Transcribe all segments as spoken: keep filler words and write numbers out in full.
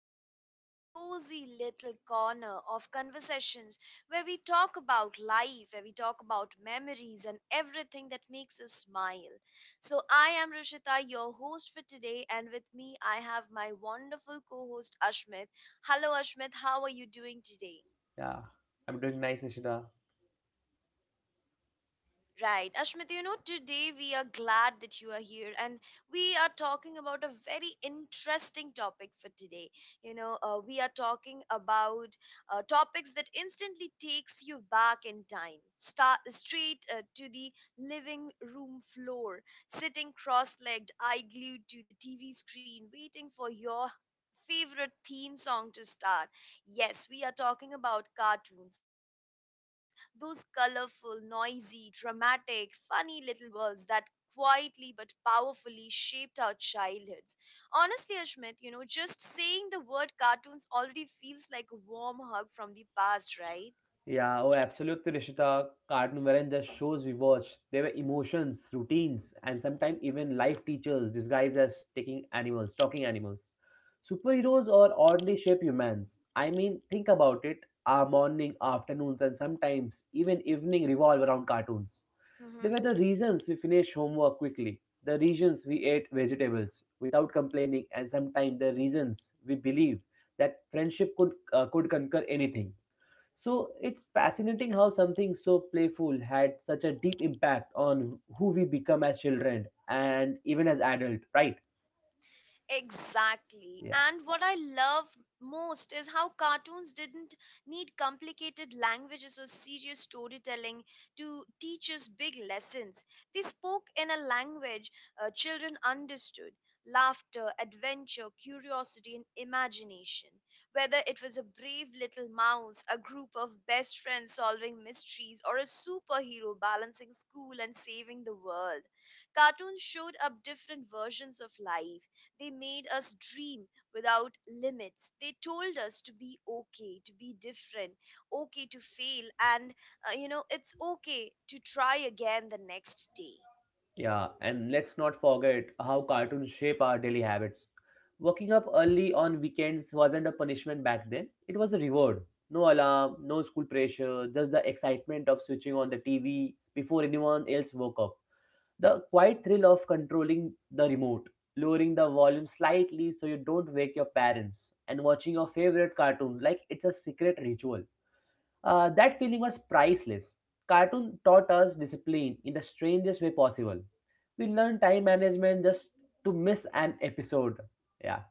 back to our cozy little corner of conversations where we talk about life, where we talk about memories and everything that makes us smile. So, I am Rishita, your host for today, and with me, I have my wonderful co host Ashmit. Hello, Ashmit, how are you doing today? Yeah, I'm doing nice, Ishita. Right. Ashmit, you know, today we are glad that you are here and we are talking about a very interesting topic for today. You know, uh, we are talking about uh, topics that instantly takes you back in time, start straight uh, to the living room floor, sitting cross-legged, eye glued to the T V screen, waiting for your favorite theme song to start. Yes, we are talking about cartoons, those colorful, noisy, dramatic, funny little worlds that quietly but powerfully shaped our childhoods. Honestly, Ashmit, you know, just saying the word cartoons already feels like a warm hug from the past, right? Yeah, oh, absolutely, Ishita. Cartoon weren't just shows we watched. They were emotions, routines, and sometimes even life teachers disguised as taking animals, talking animals. Superheroes are oddly shaped humans. I mean, think about it. Our morning, afternoons, and sometimes even evening revolve around cartoons. They were the reasons we finished homework quickly, the reasons we ate vegetables without complaining, and sometimes the reasons we believe that friendship could uh, could conquer anything. So it's fascinating how something so playful had such a deep impact on who we become as children and even as adult, right? Exactly. Yeah. And what I love most is how cartoons didn't need complicated languages or serious storytelling to teach us big lessons. They spoke in a language uh, children understood: laughter, adventure, curiosity, and imagination. Whether it was a brave little mouse, a group of best friends solving mysteries, or a superhero balancing school and saving the world, cartoons showed up different versions of life. They made us dream without limits. They told us to be okay, to be different, okay to fail, and uh, you know, it's okay to try again the next day. Yeah, and let's not forget how cartoons shape our daily habits. Waking up early on weekends wasn't a punishment back then, it was a reward. No alarm, no school pressure, just the excitement of switching on the T V before anyone else woke up. The quiet thrill of controlling the remote, lowering the volume slightly so you don't wake your parents, and watching your favorite cartoon like it's a secret ritual. Uh, that feeling was priceless. Cartoon taught us discipline in the strangest way possible. We learned time management just to miss an episode. Yeah.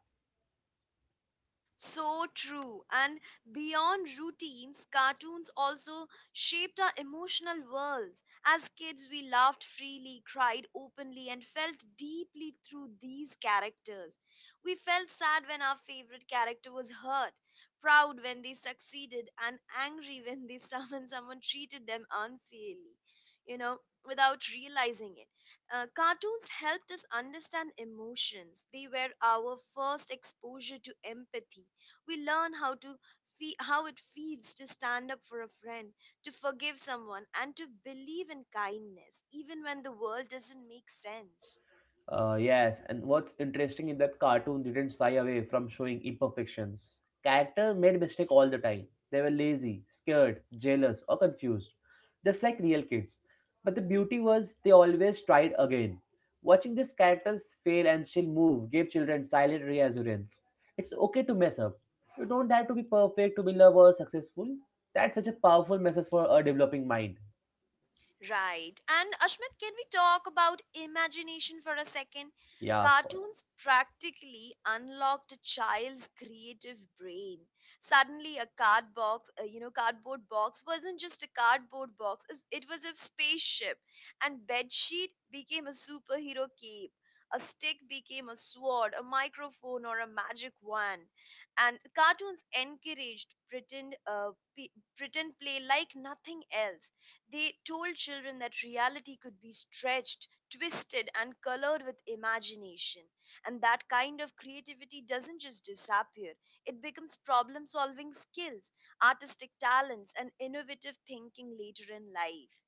So true. And beyond routines, cartoons also shaped our emotional worlds. As kids, we laughed freely, cried openly, and felt deeply through these characters. We felt sad when our favorite character was hurt, proud when they succeeded, and angry when they someone someone treated them unfairly. You know, without realizing it. Uh, cartoons helped us understand emotions. They were our first exposure to empathy. We learn how to fe- how it feels to stand up for a friend, to forgive someone, and to believe in kindness, even when the world doesn't make sense. Uh, yes, and what's interesting is that cartoon didn't shy away from showing imperfections. Character made mistake all the time. They were lazy, scared, jealous, or confused, just like real kids. But the beauty was they always tried again. Watching these characters fail and still move gave children silent reassurance. It's okay to mess up. You don't have to be perfect to be loved or successful. That's such a powerful message for a developing mind. Right. And Ashmit, can we talk about imagination for a second? Yeah, of course. Cartoons practically unlocked a child's creative brain. Suddenly, a card box, uh, you know, cardboard box wasn't just a cardboard box. it's- It was a spaceship, and bedsheet became a superhero cape. A stick became a sword, a microphone, or a magic wand. And cartoons encouraged pretend, uh, pe pretend play like nothing else. They told children that reality could be stretched, twisted, and colored with imagination. And that kind of creativity doesn't just disappear, it becomes problem solving skills, artistic talents, and innovative thinking later in life.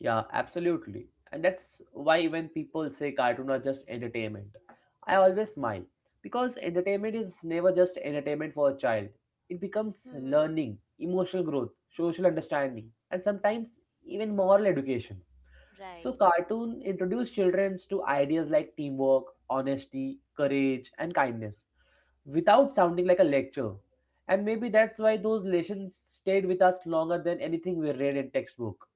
Yeah, absolutely. And that's why when people say cartoon are just entertainment, I always smile because entertainment is never just entertainment for a child. It becomes hmm learning, emotional growth, social understanding, and sometimes even moral education. So Right. cartoon introduce children to ideas like teamwork, honesty, courage, and kindness without sounding like a lecture. And maybe that's why those lessons stayed with us longer than anything we read in textbook.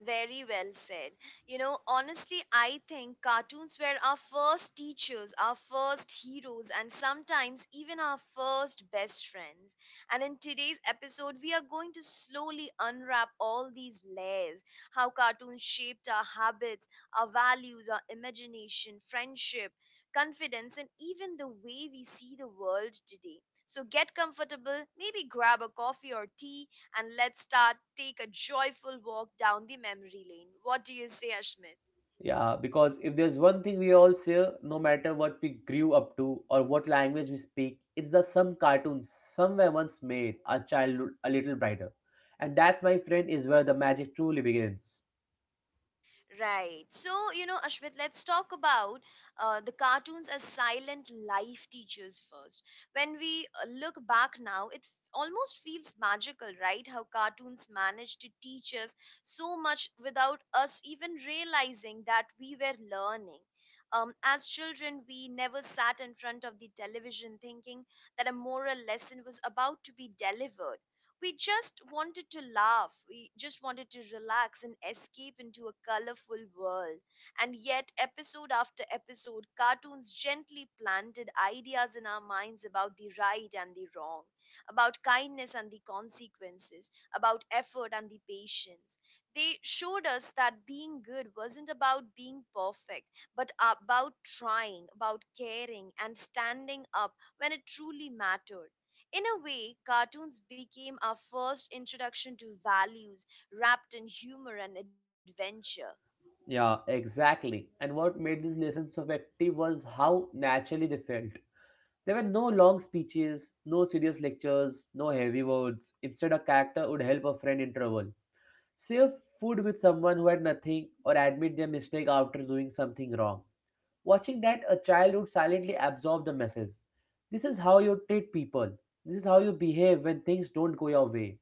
Very well said. You know, honestly, I think cartoons were our first teachers, our first heroes, and sometimes even our first best friends. And in today's episode, we are going to slowly unwrap all these layers: how cartoons shaped our habits, our values, our imagination, friendship, confidence, and even the way we see the world today. So get comfortable, maybe grab a coffee or tea and let's start take a joyful walk down the memory lane. What do you say, Ashmit? Yeah, because if there's one thing we all share, no matter what we grew up to or what language we speak, it's the some cartoons somewhere once made our childhood a little brighter. And that's, my friend, is where the magic truly begins. Right. So, you know, Ashmit, let's talk about uh, the cartoons as silent life teachers first. When we uh, look back now, it f- almost feels magical, right? How cartoons manage to teach us so much without us even realizing that we were learning. Um, as children, we never sat in front of the television thinking that a moral lesson was about to be delivered. We just wanted to laugh, we just wanted to relax and escape into a colorful world. And yet episode after episode, cartoons gently planted ideas in our minds about the right and the wrong, about kindness and the consequences, about effort and the patience. They showed us that being good wasn't about being perfect, but about trying, about caring and standing up when it truly mattered. In a way, cartoons became our first introduction to values wrapped in humor and adventure. Yeah, exactly. And what made these lessons so effective was how naturally they felt. There were no long speeches, no serious lectures, no heavy words. Instead, a character would help a friend in trouble, share food with someone who had nothing, or admit their mistake after doing something wrong. Watching that, a child would silently absorb the message. This is how you treat people. This is how you behave when things don't go your way.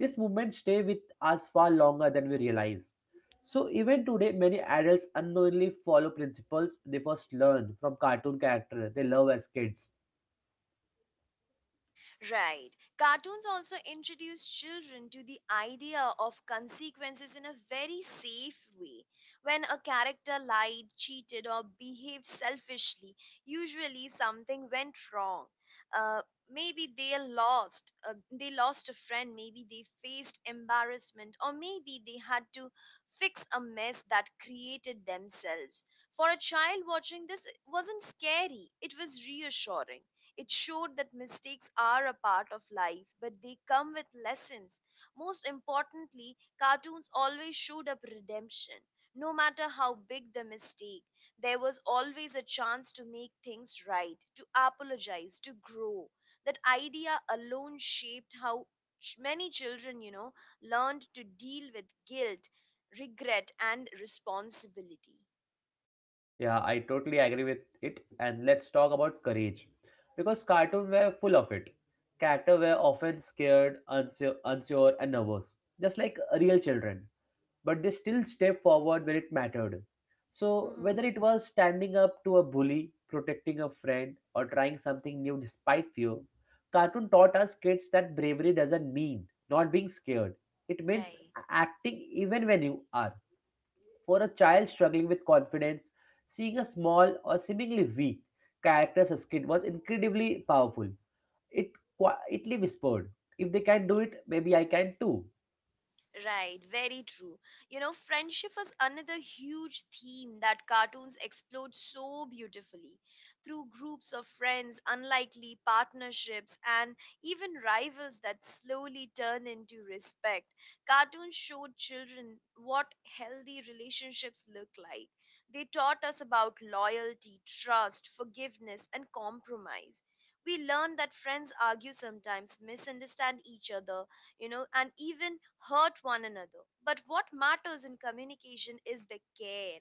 These movements stay with us far longer than we realize. So, even today, many adults unknowingly follow principles they first learn from cartoon characters they love as kids. Right. Cartoons also introduce children to the idea of consequences in a very safe way. When a character lied, cheated, or behaved selfishly, usually something went wrong. Uh, Maybe they lost, uh, they lost a friend, maybe they faced embarrassment, or maybe they had to fix a mess that created themselves. For a child watching this, it wasn't scary, it was reassuring. It showed that mistakes are a part of life, but they come with lessons. Most importantly, cartoons always showed up redemption. No matter how big the mistake, there was always a chance to make things right, to apologize, to grow. That idea alone shaped how ch- many children, you know, learned to deal with guilt, regret, and responsibility. Yeah, I totally agree with it. And let's talk about courage. Because cartoons were full of it. Characters were often scared, unsure, unsure and nervous, just like real children. But they still stepped forward when it mattered. So, Mhm. whether it was standing up to a bully, protecting a friend, or trying something new despite fear, cartoon taught us kids that bravery doesn't mean not being scared. It means Right. acting even when you are. For a child struggling with confidence, seeing a small or seemingly weak character as a kid was incredibly powerful. It quietly whispered, "If they can do it, maybe I can too." Right, very true. You know, friendship is another huge theme that cartoons explored so beautifully through groups of friends, unlikely partnerships, and even rivals that slowly turn into respect. Cartoons showed children what healthy relationships look like. They taught us about loyalty, trust, forgiveness, and compromise. We learned that friends argue sometimes, misunderstand each other, you know, and even hurt one another. But what matters in communication is the care.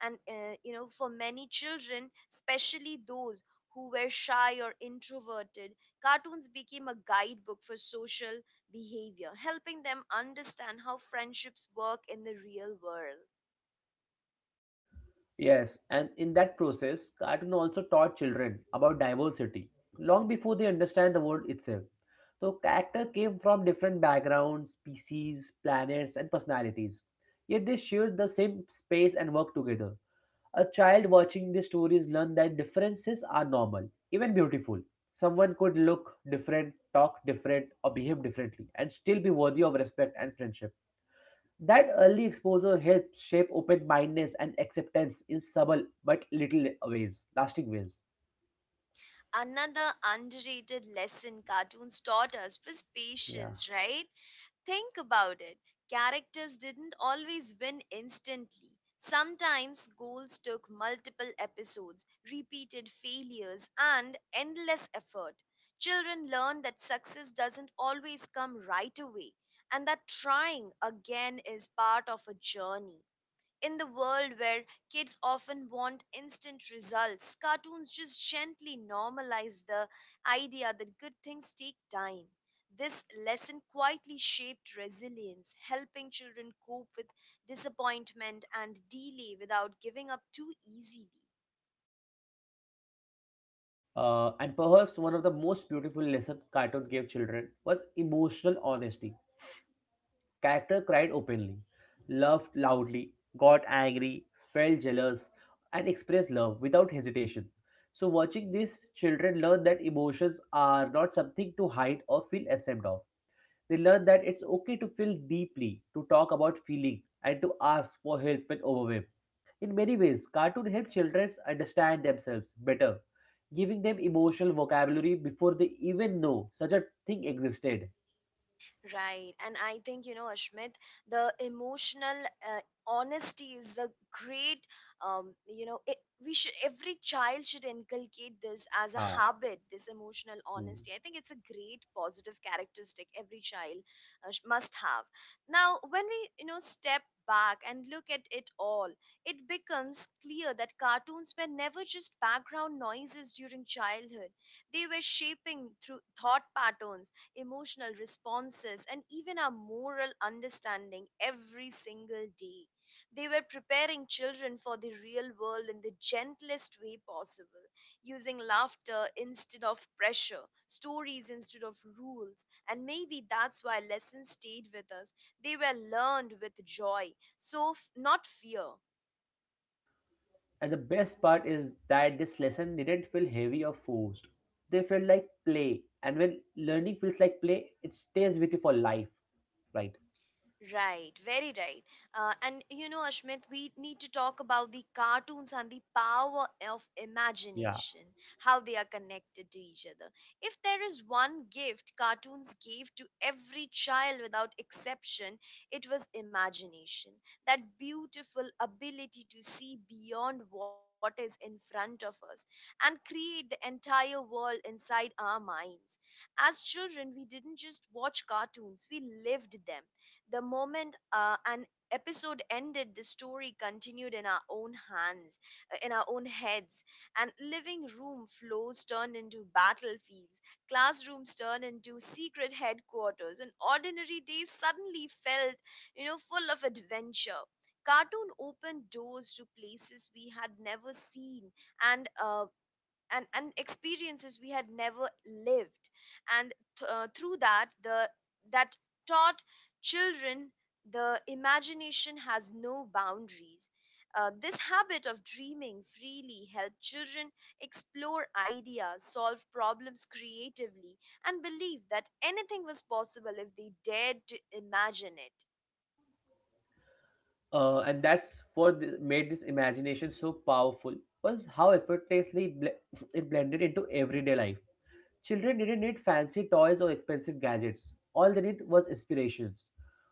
And, uh, you know, for many children, especially those who were shy or introverted, cartoons became a guidebook for social behavior, helping them understand how friendships work in the real world. Yes, and in that process, cartoon also taught children about diversity long before they understand the word itself. So character came from different backgrounds, species, planets, and personalities. Yet they shared the same space and work together. A child watching these stories learned that differences are normal, even beautiful. Someone could look different, talk different, or behave differently, and still be worthy of respect and friendship. That early exposure helps shape open mindedness and acceptance in subtle but little ways, lasting ways. Another underrated lesson cartoons taught us was Yeah. patience, right? Think about it. Characters didn't always win instantly. Sometimes goals took multiple episodes, repeated failures, and endless effort. Children learn that success doesn't always come right away, and that trying again is part of a journey. In the world where kids often want instant results, cartoons just gently normalize the idea that good things take time. This lesson quietly shaped resilience, helping children cope with disappointment and delay without giving up too easily. Uh, and perhaps one of the most beautiful lessons cartoon gave children was emotional honesty. Character cried openly, laughed loudly, got angry, felt jealous, and expressed love without hesitation. So watching this, children learn that emotions are not something to hide or feel ashamed of. They learn that it's okay to feel deeply, to talk about feeling, and to ask for help when overwhelmed. In many ways, cartoons help children understand themselves better, giving them emotional vocabulary before they even know such a thing existed. Right. And I think, you know, Ashmit, the emotional uh, honesty is the great, um, you know, it, we should, every child should inculcate this as a Ah. habit, this emotional Hmm. honesty. I think it's a great positive characteristic every child uh, sh- must have. Now, when we, you know, step back and look at it all, it becomes clear that cartoons were never just background noises during childhood. They were shaping through thought patterns, emotional responses, and even our moral understanding every single day. They were preparing children for the real world in the gentlest way possible, using laughter instead of pressure, stories instead of rules. And maybe that's why lessons stayed with us. They were learned with joy, so f- not fear. And the best part is that this lesson didn't feel heavy or forced. They felt like play, and when learning feels like play, it stays with you for life, right? Right, very right. Uh, and you know, Ashmit, we need to talk about the cartoons and the power of Yeah. imagination, how they are connected to each other. If there is one gift cartoons gave to every child without exception, it was imagination, that beautiful ability to see beyond what is in front of us and create the entire world inside our minds. As children, we didn't just watch cartoons, we lived them. The moment uh, an episode ended, the story continued in our own hands, uh, in our own heads, and living room floors turned into battlefields, classrooms turned into secret headquarters, and ordinary days suddenly felt, you know, full of adventure. Cartoon opened doors to places we had never seen, and uh, and, and experiences we had never lived, and th- uh, through that the that taught children the imagination has no boundaries. Uh, this habit of dreaming freely helped children explore ideas, solve problems creatively, and believe that anything was possible if they dared to imagine it. Uh, and that's what th- made this imagination so powerful. Was how effortlessly it, bl- it blended into everyday life. Children didn't need fancy toys or expensive gadgets. All they need was inspirations.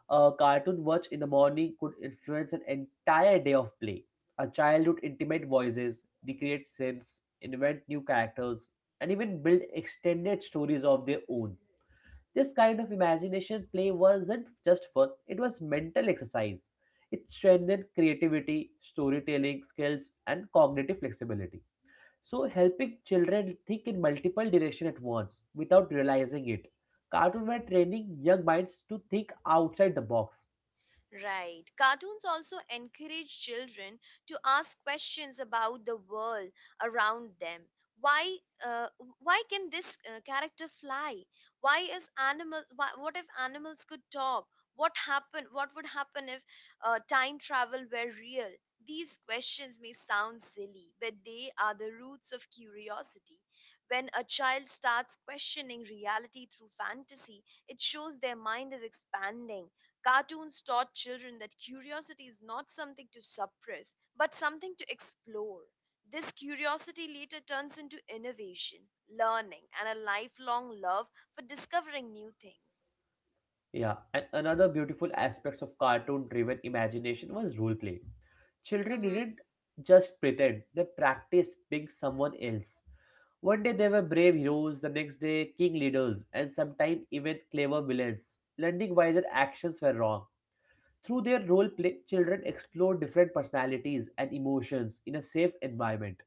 A cartoon watch in the morning could influence an entire day of play. A child would intimate voices, recreate scenes, invent new characters, and even build extended stories of their own. This kind of imagination play wasn't just fun, it was mental exercise. It strengthened creativity, storytelling skills, and cognitive flexibility. So, helping children think in multiple directions at once without realizing it. Cartoon were training young minds to think outside the box. Right. Cartoons also encourage children to ask questions about the world around them. Why, uh, why can this uh, character fly? Why is animals? Why, what if animals could talk? What happened? What would happen if uh, time travel were real? These questions may sound silly, but they are the roots of curiosity. When a child starts questioning reality through fantasy, it shows their mind is expanding. Cartoons taught children that curiosity is not something to suppress, but something to explore. This curiosity later turns into innovation, learning, and a lifelong love for discovering new things. Yeah, and another beautiful aspect of cartoon driven imagination was role play. Children Mm-hmm. didn't just pretend, they practiced being someone else. One day they were brave heroes, the next day king leaders, and sometimes even clever villains, learning why their actions were wrong. Through their role play, children explore different personalities and emotions in a safe environment.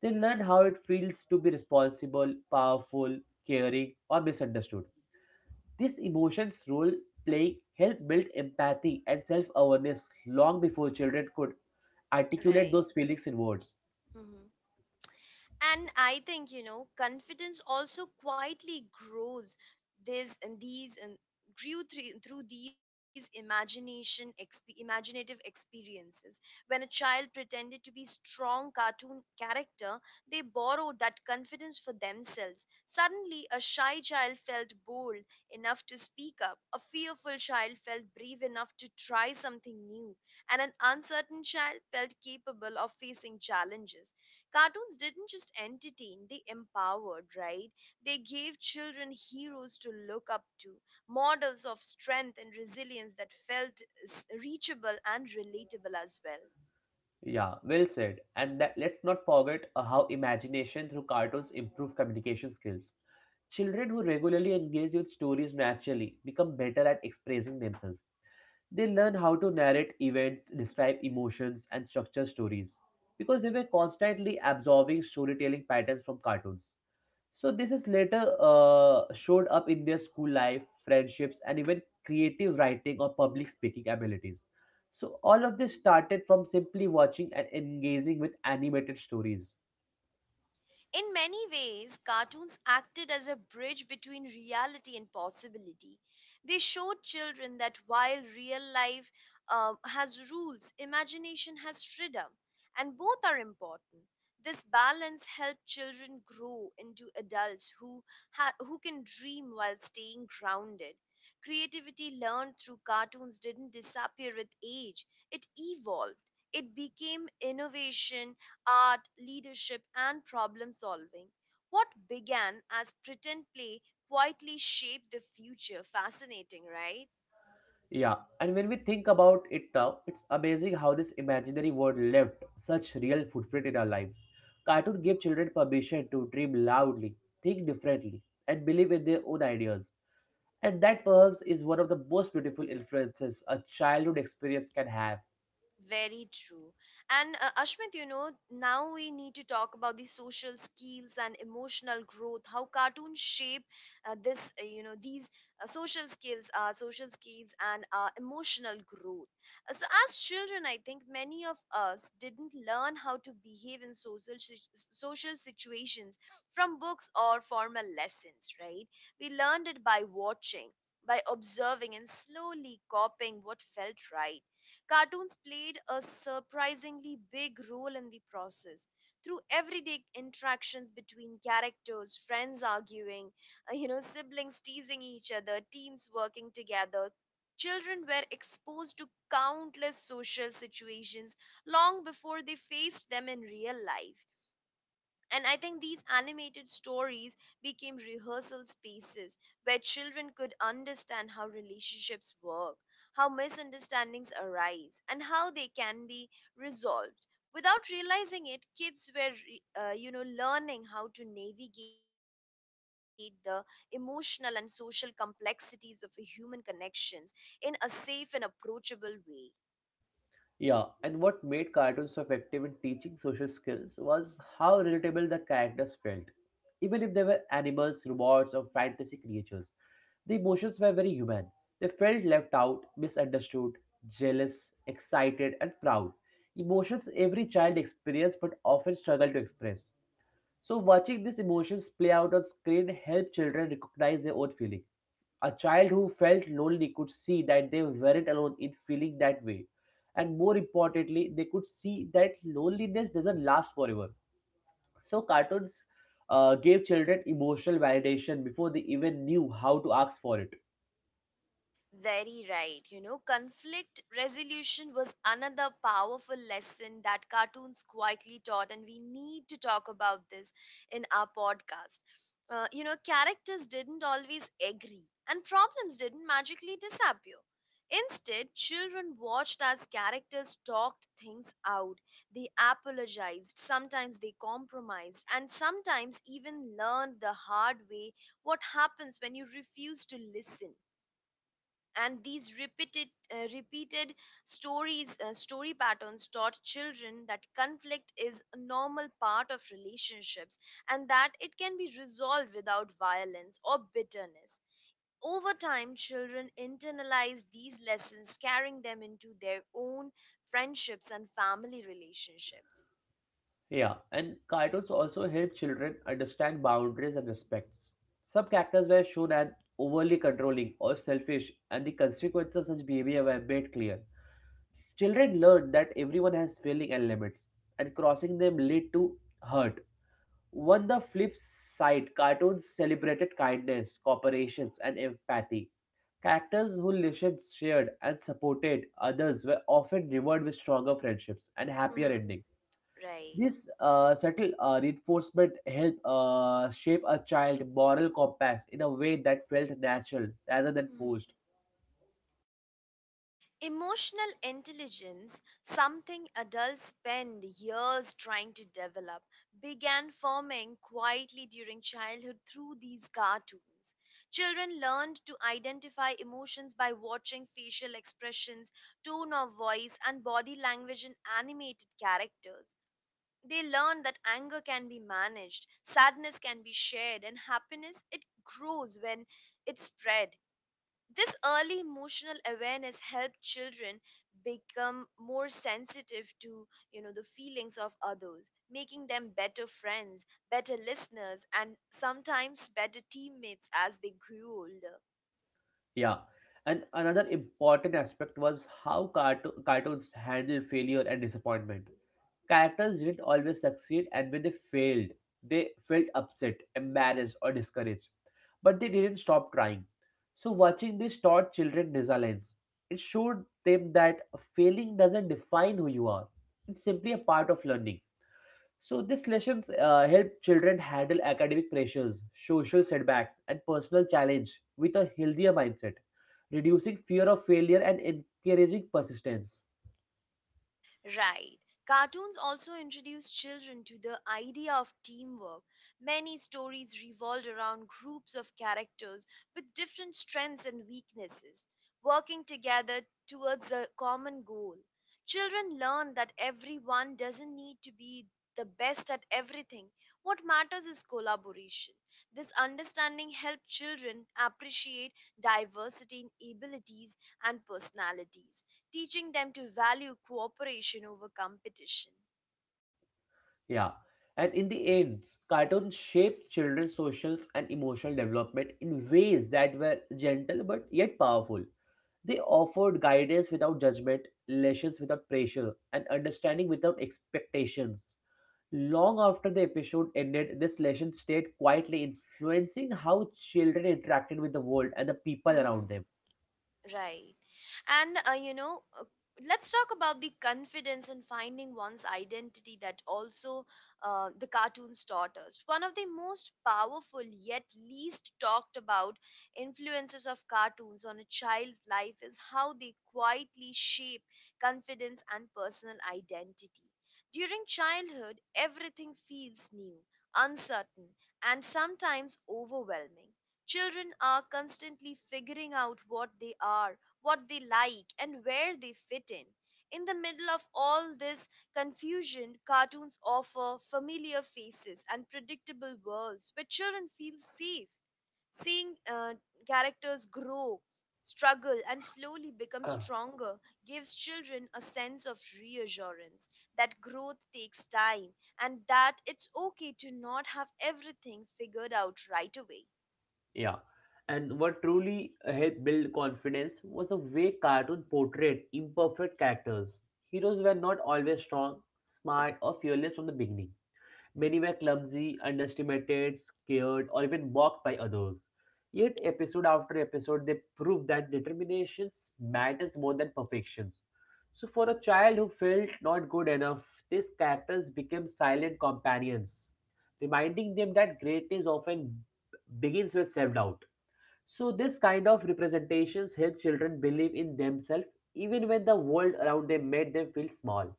They learn how it feels to be responsible, powerful, caring, or misunderstood. This emotions role playing helped build empathy and self awareness long before children could articulate those Right. feelings in words. And I think, you know, confidence also quietly grows this and these and grew through, through these imagination exp- imaginative experiences. When a child pretended to be strong cartoon character, they borrowed that confidence for themselves. Suddenly a shy child felt bold enough to speak up, a fearful child felt brave enough to try something new, and an uncertain child felt capable of facing challenges. Cartoons didn't just entertain, they empowered, right? They gave children heroes to look up to, models of strength and resilience that felt s- reachable and relatable as well. Yeah, well said. And that, let's not forget uh, how imagination through cartoons improve communication skills. Children who regularly engage with stories naturally become better at expressing themselves. They learn how to narrate events, describe emotions, and structure stories because they were constantly absorbing storytelling patterns from cartoons. So, this is later uh, showed up in their school life, friendships, and even creative writing or public speaking abilities. So, all of this started from simply watching and engaging with animated stories. In many ways, cartoons acted as a bridge between reality and possibility. They showed children that while real life um, has rules, imagination has freedom, and both are important. This balance helped children grow into adults who, ha- who can dream while staying grounded. Creativity learned through cartoons didn't disappear with age, it evolved. It became innovation art, leadership, and problem solving. What began as pretend play quietly shaped the future. Fascinating, right? Yeah, and when we think about it now, it's amazing how this imaginary world left such real footprint in our lives. Cartoon gave children permission to dream loudly, think differently, and believe in their own ideas. And that perhaps is one of the most beautiful influences a childhood experience can have. Very true. And uh, Ashmit, you know, now we need to talk about the social skills and emotional growth. How cartoons shape uh, this, uh, you know, these uh, social skills, uh, social skills, and uh, emotional growth. Uh, so, as children, I think many of us didn't learn how to behave in social si- social situations from books or formal lessons. Right? We learned it by watching, by observing, and slowly copying what felt right. Cartoons played a surprisingly big role in the process. Through everyday interactions between characters, friends arguing, uh, you know, siblings teasing each other, teams working together, children were exposed to countless social situations long before they faced them in real life. And I think these animated stories became rehearsal spaces where children could understand how relationships work, how misunderstandings arise, and how they can be resolved. Without realizing it, kids were, re- uh, you know, learning how to navigate the emotional and social complexities of human connections in a safe and approachable way. Yeah, and what made cartoons so effective in teaching social skills was how relatable the characters felt, even if they were animals, robots, or fantasy creatures. The emotions were very human. They felt left out, misunderstood, jealous, excited, and proud. Emotions every child experiences but often struggle to express. So, watching these emotions play out on screen helped children recognize their own feeling. A child who felt lonely could see that they weren't alone in feeling that way. And more importantly, they could see that loneliness doesn't last forever. So, cartoons uh, gave children emotional validation before they even knew how to ask for it. Very right. You know, conflict resolution was another powerful lesson that cartoons quietly taught, and we need to talk about this in our podcast. Uh, you know, characters didn't always agree, and problems didn't magically disappear. Instead, children watched as characters talked things out. They apologized, sometimes they compromised, and sometimes even learned the hard way what happens when you refuse to listen, and these repeated uh, repeated stories uh, story patterns taught children that conflict is a normal part of relationships, and that it can be resolved without violence or bitterness. Over time, children internalize these lessons, carrying them into their own friendships and family relationships. Yeah, and cartoons also help children understand boundaries and respects. Some characters were shown as overly controlling or selfish, and the consequences of such behavior were made clear. Children learn that everyone has feelings and limits, and crossing them lead to hurt. On the flip side, cartoons celebrated kindness, cooperation, and empathy. Characters who listened, shared, and supported others were often rewarded with stronger friendships and happier Mhm. endings. Right. This uh, subtle uh, reinforcement helped uh, shape a child's moral compass in a way that felt natural rather than forced. Emotional intelligence, something adults spend years trying to develop, began forming quietly during childhood through these cartoons. Children learned to identify emotions by watching facial expressions, tone of voice, and body language in animated characters. They learned that anger can be managed, sadness can be shared, and happiness, it grows when it's spread. This early emotional awareness helps children become more sensitive to, you know, the feelings of others, making them better friends, better listeners, and sometimes better teammates as they grew older. Yeah. And another important aspect was how carto- cartoons handle failure and disappointment. Characters didn't always succeed, and when they failed, they felt upset, embarrassed, or discouraged. But they didn't stop trying. So, watching this taught children resilience. It showed them that failing doesn't define who you are, it's simply a part of learning. So, these lessons uh, help children handle academic pressures, social setbacks, and personal challenge with a healthier mindset, reducing fear of failure and encouraging persistence. Right. Cartoons also introduce children to the idea of teamwork. Many stories revolved around groups of characters with different strengths and weaknesses, working together towards a common goal. Children learn that everyone doesn't need to be the best at everything. What matters is collaboration. This understanding helps children appreciate diversity in abilities and personalities, teaching them to value cooperation over competition. Yeah. And in the end, cartoons shaped children's social and emotional development in ways that were gentle but yet powerful. They offered guidance without judgment, lessons without pressure, and understanding without expectations. Long after the episode ended, this lesson stayed quietly influencing how children interacted with the world and the people Mhm. around Right. And, uh, you know, uh, let's talk about the confidence in finding one's identity that also uh, the cartoons taught us. One of the most powerful yet least talked about influences of cartoons on a child's life is how they quietly shape confidence and personal identity. During childhood, everything feels new, uncertain, and sometimes overwhelming. Children are constantly figuring out what they are, what they like, and where they fit in. In the middle of all this confusion, cartoons offer familiar faces and predictable worlds where children feel safe. Seeing uh, characters grow, struggle, and slowly become them. stronger gives children a sense of reassurance that growth takes time and that it's okay to not have everything figured out right away. Yeah. And what truly helped build confidence was the way cartoon portrayed imperfect characters. Heroes were not always strong, smart, or fearless from the beginning. Many were clumsy, underestimated, scared, or even mocked by others. Yet, episode after episode, they proved that determination matters more than perfections. So, for a child who felt not good enough, these characters became silent companions, reminding them that greatness often begins with self doubt. So, this kind of representations help children believe in themselves even when the world around them made them feel small.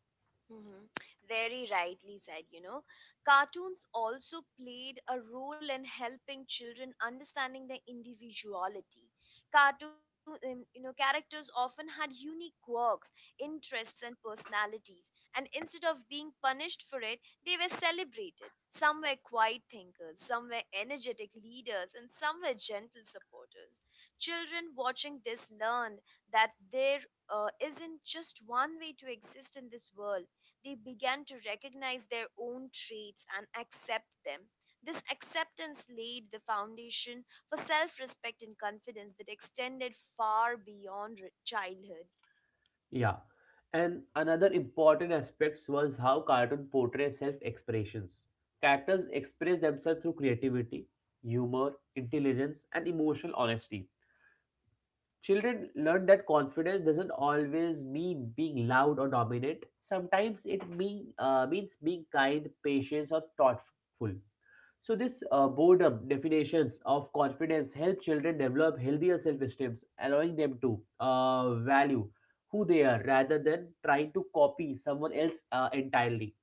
Hmm. Very rightly said, you know. Cartoons also played a role in helping children understanding their individuality. Cartoon, um, you know, characters often had unique quirks, interests, and personalities, and instead of being punished for it, they were celebrated. Some were quiet thinkers, some were energetic leaders, and some were gentle supporters. Children watching this learned that there uh, isn't just one way to exist in this world. They began to recognize their own traits and accept them. This acceptance laid the foundation for self respect and confidence that extended far beyond re- childhood. Yeah. And another important aspect was how cartoon portray self expressions. Characters express themselves through creativity, humor, intelligence, and emotional honesty. Children learn that confidence doesn't always mean being loud or dominant. Sometimes it mean, uh, means being kind, patient, or thoughtful. So this uh, boredom definitions of confidence help children develop healthier self esteem allowing them to uh, value who they are rather than trying to copy someone else uh, entirely.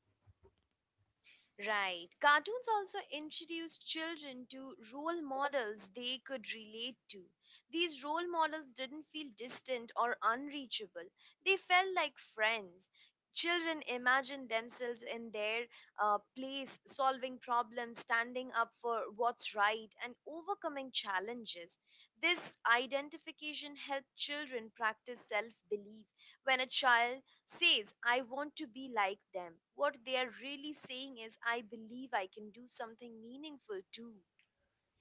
Right. Cartoons also introduced children to role models they could relate to. These role models didn't feel distant or unreachable, they felt like friends. Children imagined themselves in their uh, place, solving problems, standing up for what's right, and overcoming challenges. This identification helped children practice self belief. When a child says, I want to be like them. What they are really saying is, I believe I can do something meaningful too.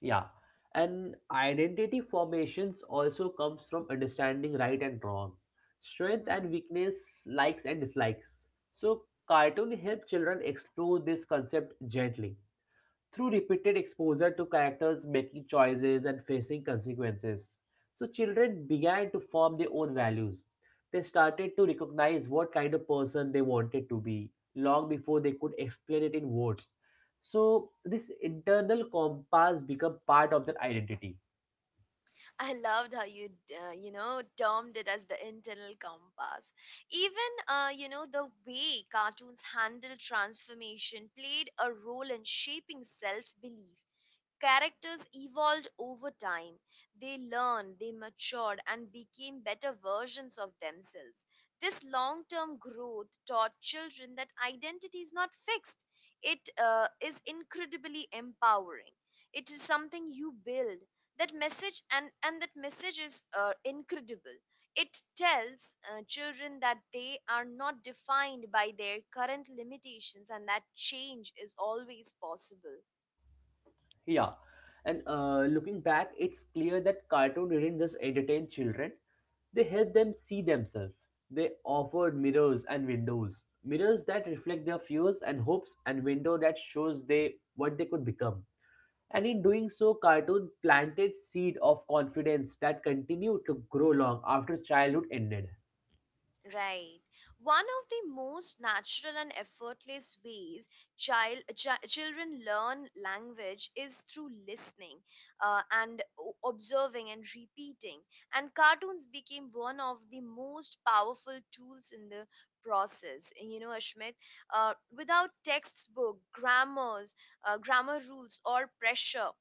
Yeah, and identity formations also comes from understanding right and wrong, strength Mhm. and weakness, likes and dislikes. So cartoon help children explore this concept gently through repeated exposure to characters making choices and facing consequences. So children began to form their own values. They started to recognize what kind of person they wanted to be long before they could explain it in words. So this internal compass became part of their identity. I loved how you, uh, you know, termed it as the internal compass. Even, uh, you know, the way cartoons handle transformation played a role in shaping self belief. Characters evolved over time; they learned, they matured, and became better versions of themselves. This long term growth taught children that identity is not fixed. It uh, is incredibly empowering. It is something you build. That message, and, and that message is uh, incredible. It tells uh, children that they are not defined by their current limitations and that change is always possible. Yeah, and uh, looking back, it's clear that cartoon didn't just entertain children; they helped them see themselves. They offered mirrors and windows, mirrors that reflect their fears and hopes, and window that shows they what they could become. And in doing so, cartoon planted seed of confidence that continued to grow long after childhood ended. Right. One of the most natural and effortless ways child chi- children learn language is through listening uh, and o- observing and repeating. And cartoons became one of the most powerful tools in the process. You know, Ashmit, uh, without textbook, grammars, uh, grammar rules, or pressure.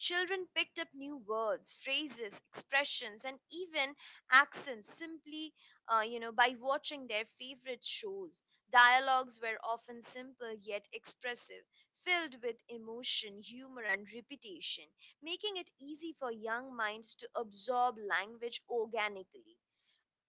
Children picked up new words, phrases, expressions, and even accents simply, uh, you know, by watching their favorite shows. Dialogues were often simple yet expressive, filled with emotion, humor, and repetition, making it easy for young minds to absorb language organically.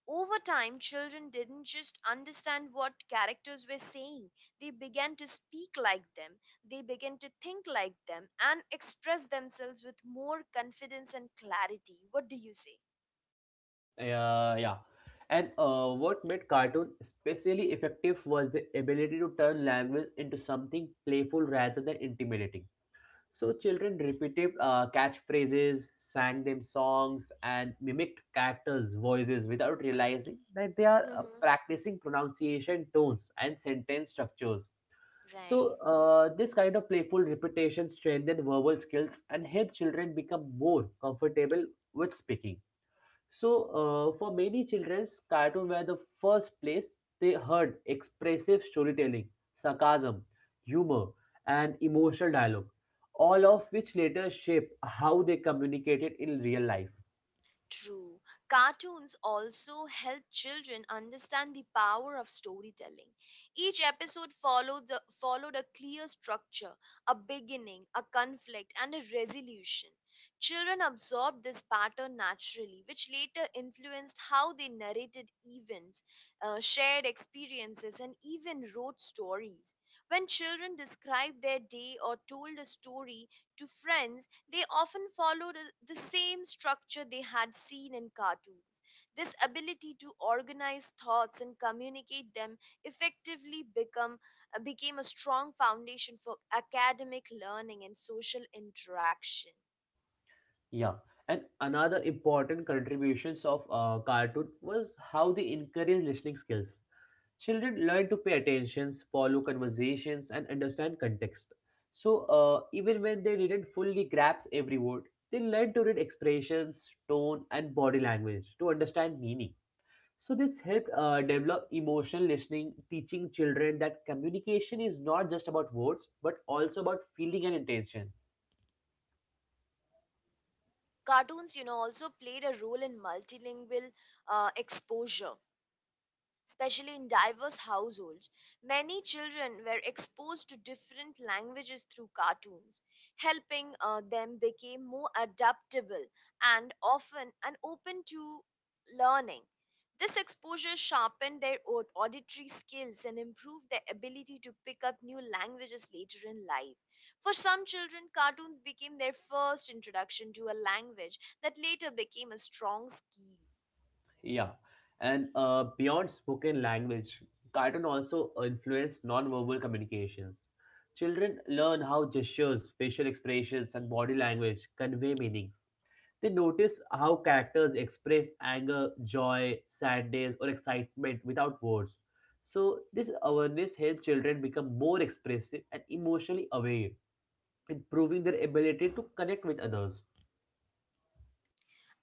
Over time, children didn't just understand what characters were saying, they began to speak like them, they began to think like them, and express themselves with more confidence and clarity. What do you say? Yeah, yeah. And uh, what made cartoon especially effective was the ability to turn language into something playful rather than intimidating. So children repeated uh, catchphrases, sang them songs, and mimicked characters' voices without realizing that they are uh, Mm-hmm. practicing pronunciation tones and sentence structures. So Right. uh, this kind of playful repetition strengthened verbal skills and helped children become more comfortable with speaking. So, uh, for many childrens, cartoon were the first place they heard expressive storytelling, sarcasm, humor, and emotional dialogue, all of which later shaped how they communicated in real life. True. Cartoons also help children understand the power of storytelling. Each episode followed, the, followed a clear structure, a beginning, a conflict, and a resolution. Children absorbed this pattern naturally, which later influenced how they narrated events, uh, shared experiences, and even wrote stories. When children described their day or told a story to friends, they often followed a- the same structure they had seen in cartoons. This ability to organize thoughts and communicate them effectively become, uh, became a strong foundation for academic learning and social interaction. Yeah, and another important contributions of uh, cartoon was how they encourage listening skills. Children learn to pay attentions, follow conversations, and understand context. So uh, even when they didn't fully grasp every word, they learn to read expressions, tone, and body language to understand meaning. So this helped uh, develop emotional listening, teaching children that communication is not just about words but also about feeling and intention. Cartoons, you know, also played a role in multilingual uh, exposure, especially in diverse households. Many children were exposed to different languages through cartoons, helping uh, them become more adaptable and often and open to learning. This exposure sharpened their au- auditory skills and improved their ability to pick up new languages later in life. For some children, cartoons became their first introduction to a language that later became a strong skill. Yeah, and uh, beyond spoken language, cartoon also influence nonverbal communications. Children learn how gestures, facial expressions, and body language convey meanings. They notice how characters express anger, joy, sadness, or excitement without words. So, this awareness helps children become more expressive and emotionally aware, improving their ability to connect with others.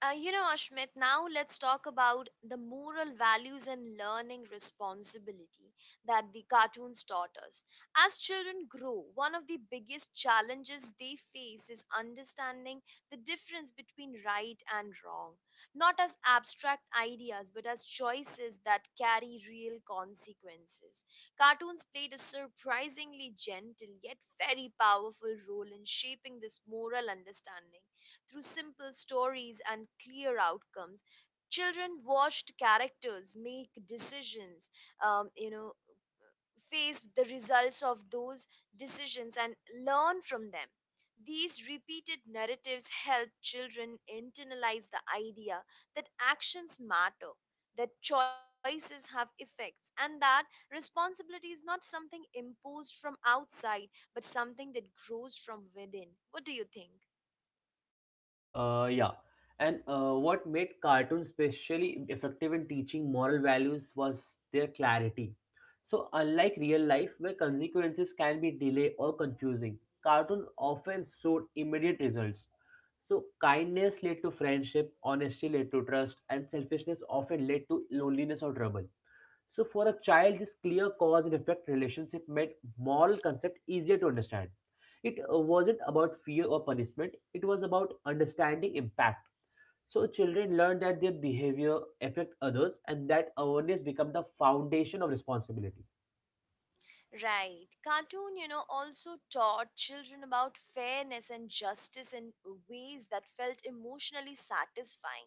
Uh, you know, Ashmit, now let's talk about the moral values and learning responsibility that the cartoons taught us. As children grow, one of the biggest challenges they face is understanding the difference between right and wrong, not as abstract ideas, but as choices that carry real consequences. Cartoons played a surprisingly gentle yet very powerful role in shaping this moral understanding. Through simple stories and clear outcomes, children watched characters make decisions, um, you know, face the results of those decisions and learn from them. These repeated narratives help children internalize the idea that actions matter, that choices have effects, and that responsibility is not something imposed from outside but something that grows from within. What do you think? Uh, yeah. And uh, what made cartoons especially effective in teaching moral values was their clarity. So, unlike real life, where consequences can be delayed or confusing, cartoon often showed immediate results. So, kindness led to friendship, honesty led to trust, and selfishness often led to loneliness or trouble. So for a child, this clear cause and effect relationship made moral concept easier to understand. It uh, wasn't about fear or punishment, it was about understanding impact. So children learn that their behavior affect others and that awareness become the foundation of responsibility. Right. Cartoon, you know, also taught children about fairness and justice in ways that felt emotionally satisfying.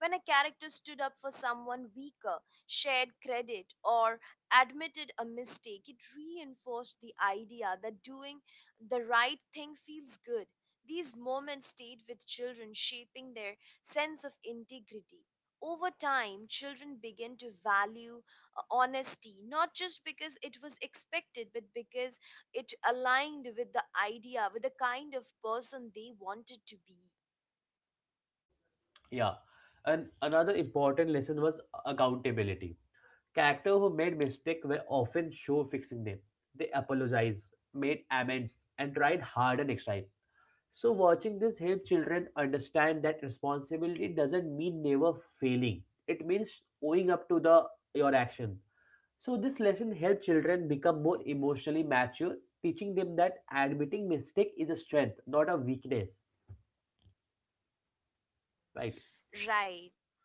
When a character stood up for someone weaker, shared credit, or admitted a mistake, it reinforced the idea that doing the right thing feels good. These moments stayed with children, shaping their sense of integrity. Over time, children begin to value uh, honesty not just because it was expected but because it aligned with the idea with the kind of person they wanted to be. Yeah. And another important lesson was accountability. Character who made mistake were often show fixing them. They apologized, made amends, and tried harder next time. So, watching this help children understand that responsibility doesn't mean never failing. It means owing up to the your action. So, this lesson helps children become more emotionally mature, teaching them that admitting mistake is a strength, not a weakness. Right.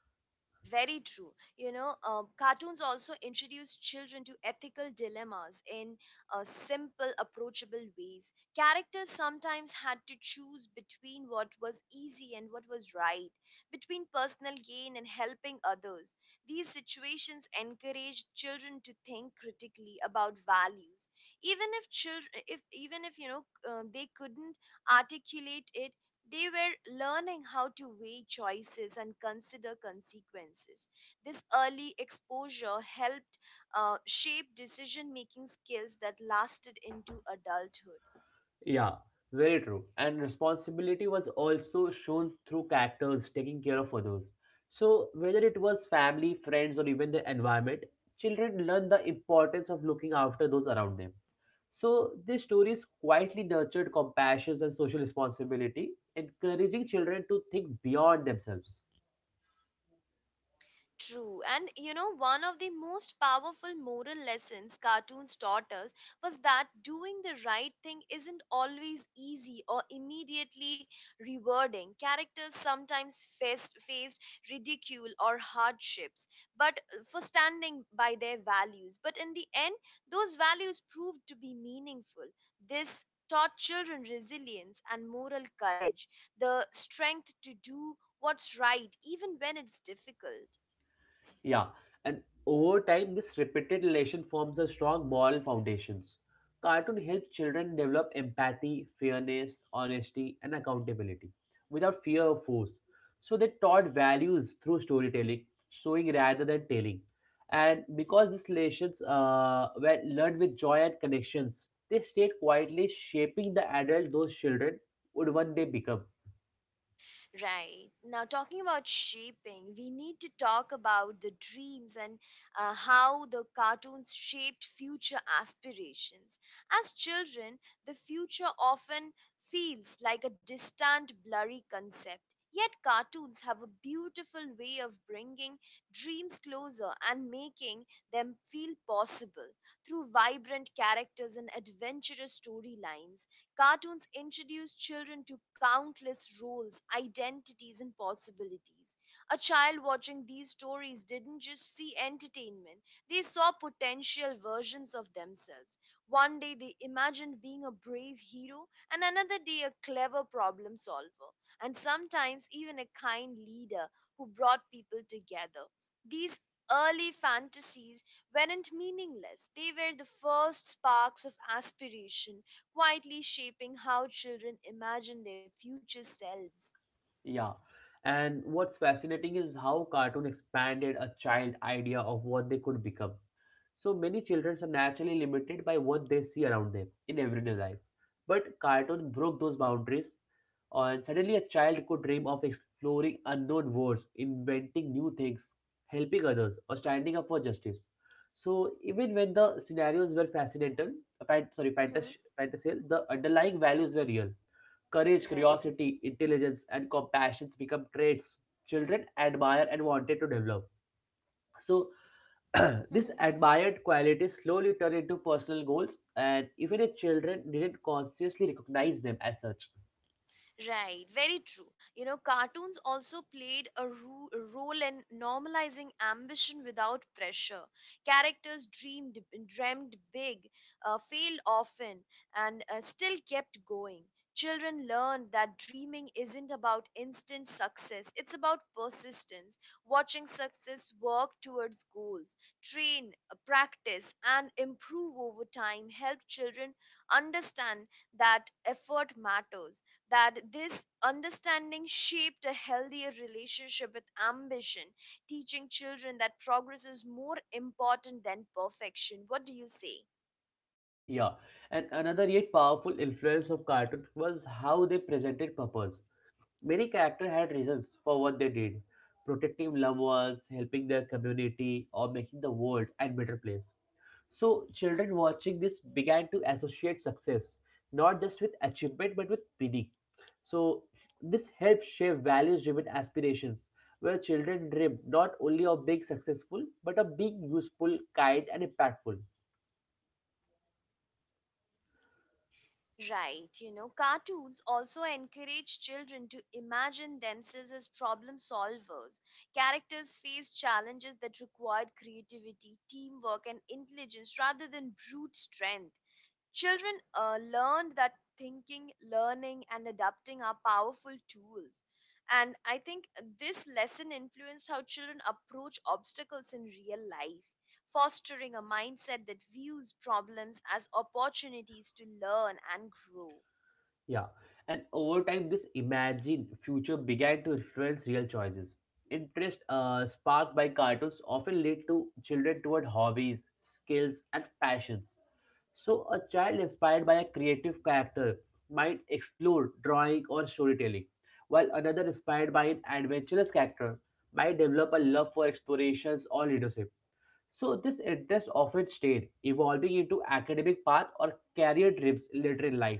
Right, very true. You know, uh, cartoons also introduce children to ethical dilemmas in uh, simple, approachable ways. Characters sometimes had to choose between what was easy and what was right, between personal gain and helping others. These situations encouraged children to think critically about values, even if children, if even if you know, um, they couldn't articulate it. They were learning how to weigh choices and consider consequences. This early exposure helped uh, shape decision making skills that lasted into adulthood. Yeah, very true. And responsibility was also shown through characters taking care of others. So, whether it was family, friends, or even the environment, children learn the importance of looking after those around them. So, these stories quietly nurtured compassion and social responsibility, encouraging children to think beyond themselves. True. And you know, one of the most powerful moral lessons cartoons taught us was that doing the right thing isn't always easy or immediately rewarding. Characters sometimes faced, faced ridicule or hardships, but for standing by their values. But in the end, those values proved to be meaningful. This taught children resilience and moral courage, the strength to do what's right even when it's difficult. Yeah, and over time, this repeated relation forms a strong moral foundations. Cartoon helps children develop empathy, fairness, honesty, and accountability without fear or force. So they taught values through storytelling, showing rather than telling. And because these lessons uh, were learned with joy and connections, they stayed quietly shaping the adult those children would one day become. Right. Now, talking about shaping, we need to talk about the dreams and uh, how the cartoons shaped future aspirations. As children, the future often feels like a distant, blurry concept. Yet, cartoons have a beautiful way of bringing dreams closer and making them feel possible through vibrant characters and adventurous storylines. Cartoons introduce children to countless roles, identities, and possibilities. A child watching these stories didn't just see entertainment, they saw potential versions of themselves. One day they imagined being a brave hero, and another day a clever problem solver, and sometimes even a kind leader who brought people together. These early fantasies weren't meaningless, they were the first sparks of aspiration quietly shaping how children imagine their future selves. Yeah. And what's fascinating is how cartoon expanded a child idea of what they could become. So many children are naturally limited by what they see around them in everyday life. But cartoon broke those boundaries, and suddenly a child could dream of exploring unknown worlds, inventing new things, helping others, or standing up for justice. So even when the scenarios were fascinational, fan- sorry, Mm-hmm. fantas- fantasy, the underlying values were real. Courage, Right. curiosity, intelligence, and compassion become traits children admire and wanted to develop. So this admired quality slowly turned into personal goals, and even the children didn't consciously recognize them as such. Right, very true. You know, cartoons also played a ru- role in normalizing ambition without pressure. Characters dreamed, dreamed big, uh, failed often, and uh, still kept going. Children learned that dreaming isn't about instant success, it's about persistence, watching success work towards goals, train, uh, practice, and improve over time help children understand that effort matters that this understanding shaped a healthier relationship with ambition, teaching children that progress is more important than perfection. What do you say? Yeah, and another yet powerful influence of cartoons was how they presented purpose. Many characters had reasons for what they did, protecting loved ones, helping their community, or making the world a better place. So, children watching this began to associate success not just with achievement but with meaning. So this helps shape values-driven aspirations, where children dream not only of being successful but of being useful, kind, and impactful. Right, you know, cartoons also encourage children to imagine themselves as problem solvers. Characters face challenges that required creativity, teamwork, and intelligence rather than brute strength. Children uh, learned that thinking, learning, and adapting are powerful tools. And I think this lesson influenced how children approach obstacles in real life, fostering a mindset that views problems as opportunities to learn and grow. Yeah, and over time, this imagined future began to influence real choices. Interest uh, sparked by cartoons often lead to children toward hobbies, skills, and passions. So, a child inspired by a creative character might explore drawing or storytelling, while another inspired by an adventurous character might develop a love for explorations or leadership. So, this interest often stayed, evolving into academic path or career trips later in life.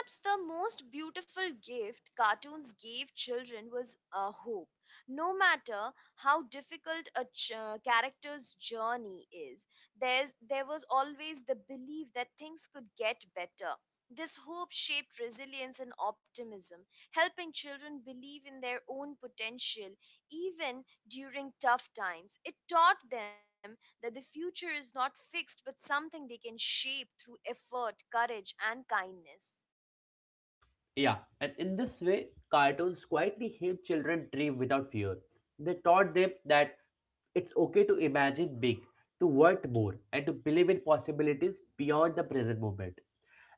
Perhaps the most beautiful gift cartoons gave children was uh, hope. No matter how difficult a ch- uh, character's journey is, there's, there was always the belief that things could get better. This hope shaped resilience and optimism, helping children believe in their own potential even during tough times. It taught them that the future is not fixed but something they can shape through effort, courage, and kindness. Yeah, and in this way, cartoons quietly help children dream without fear. They taught them that it's okay to imagine big, to want more, and to believe in possibilities beyond the present moment.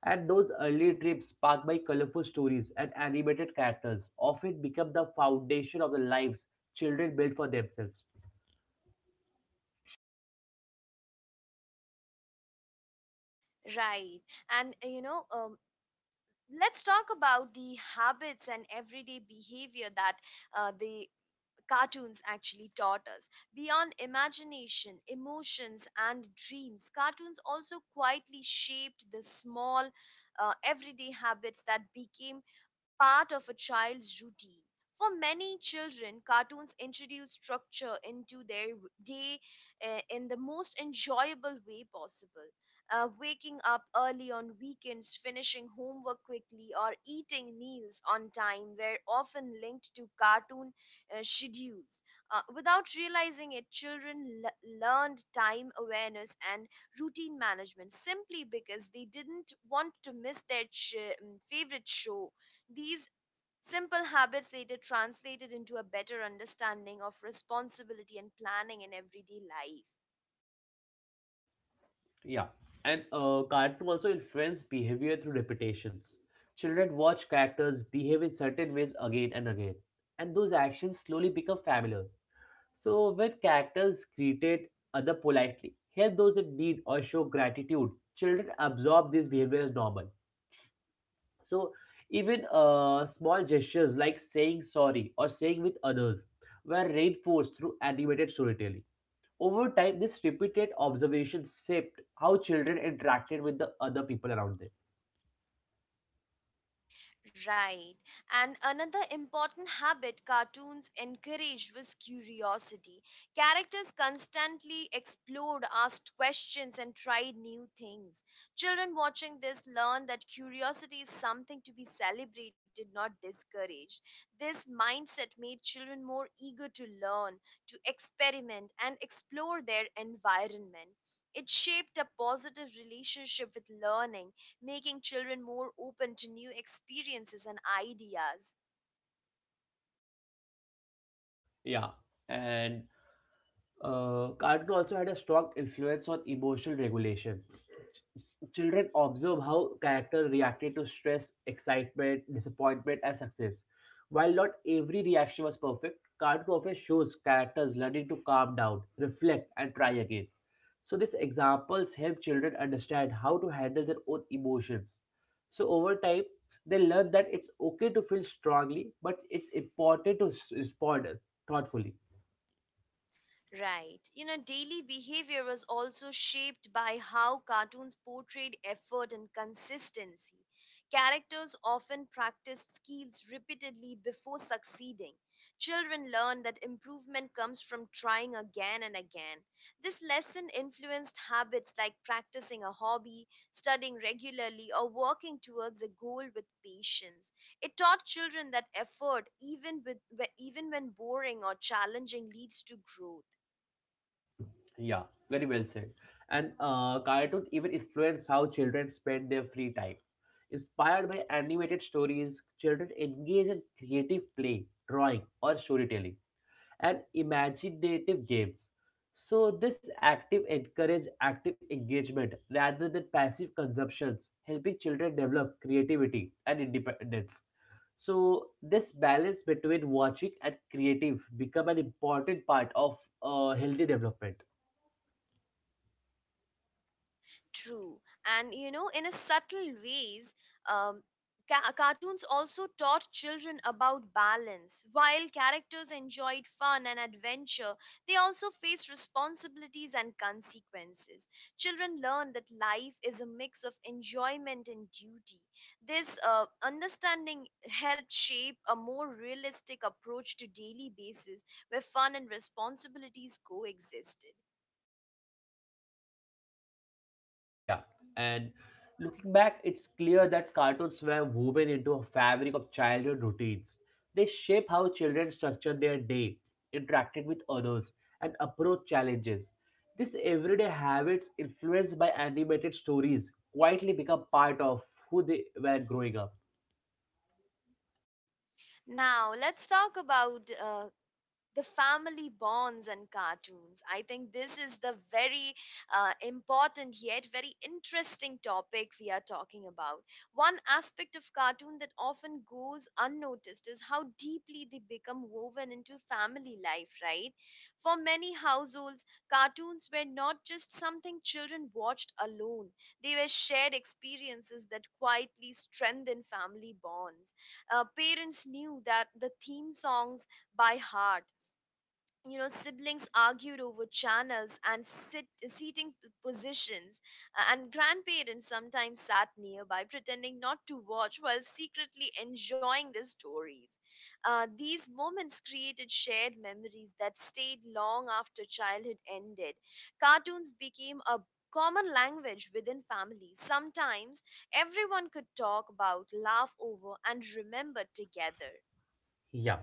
And those early dreams, sparked by colorful stories and animated characters, often become the foundation of the lives children build for themselves. Right. And uh, you know, um, let's talk about the habits and everyday behavior that uh, they cartoons actually taught us. Beyond imagination, emotions, and dreams, cartoons also quietly shaped the small, uh, everyday habits that became part of a child's routine. For many children, cartoons introduce structure into their w- day uh, in the most enjoyable way possible. Uh, waking up early on weekends, finishing homework quickly, or eating meals on time were often linked to cartoon uh, schedules. Uh, without realizing it, children l- learned time awareness and routine management simply because they didn't want to miss their ch- um, favorite show. These simple habits later translated into a better understanding of responsibility and planning in everyday life. Yeah, and uh, cartoon also influence behavior through repetitions. Children watch characters behave in certain ways again and again, and those actions slowly become familiar. So when characters greeted other politely, help those in need, or show gratitude, children absorb these behavior as normal. So even uh, small gestures like saying sorry or saying with others were reinforced through animated storytelling. Over time, this repeated observation shaped how children interacted with the other people around them. Right. And another important habit cartoons encouraged was curiosity. Characters constantly explored, asked questions, and tried new things. Children watching this learn that curiosity is something to be celebrated, not discouraged. This mindset made children more eager to learn, to experiment, and explore their environment. It shaped a positive relationship with learning making children more open to new experiences and ideas. Yeah, and uh, cartoon also had a strong influence on emotional regulation. Ch- Children observe how characters reacted to stress, excitement, disappointment, and success. While not every reaction was perfect, cartoon often shows characters learning to calm down, reflect, and try again. So these examples help children understand how to handle their own emotions. So over time, they learn that it's okay to feel strongly, but it's important to s- respond thoughtfully. Right. You know, daily behavior was also shaped by how cartoons portrayed effort and consistency. Characters often practiced skills repeatedly before succeeding. Children learn that improvement comes from trying again and again. This lesson influenced habits like practicing a hobby, studying regularly, or working towards a goal with patience. It taught children that effort, even, with, even when boring or challenging, leads to growth. Yeah, very well said. And uh, cartoons even influence how children spend their free time. Inspired by animated stories, children engage in creative play, drawing, or storytelling, and imaginative games. So this active encourage active engagement rather than passive consumptions, helping children develop creativity and independence. So this balance between watching and creative become an important part of uh, healthy development. True. And you know, in a subtle ways, um, ca- cartoons also taught children about balance. While characters enjoyed fun and adventure, they also faced responsibilities and consequences. Children learn that life is a mix of enjoyment and duty. This uh, understanding helped shape a more realistic approach to daily basis where fun and responsibilities coexisted. Yeah, and looking back, it's clear that cartoons were woven into a fabric of childhood routines. They shape how children structure their day, interacted with others, and approach challenges. These everyday habits, influenced by animated stories, quietly become part of who they were growing up. Now, let's talk about uh, the family bonds and cartoons. I think this is the very uh, important yet very interesting topic we are talking about. One aspect of cartoon that often goes unnoticed is how deeply they become woven into family life, right? For many households, cartoons were not just something children watched alone. They were shared experiences that quietly strengthened family bonds. Uh, parents knew that the theme songs by heart, you know, siblings argued over channels and sit, seating p- positions, uh, and grandparents sometimes sat nearby pretending not to watch while secretly enjoying the stories. Uh, these moments created shared memories that stayed long after childhood ended. Cartoons became a common language within families, sometimes everyone could talk about, laugh over, and remember together. Yeah.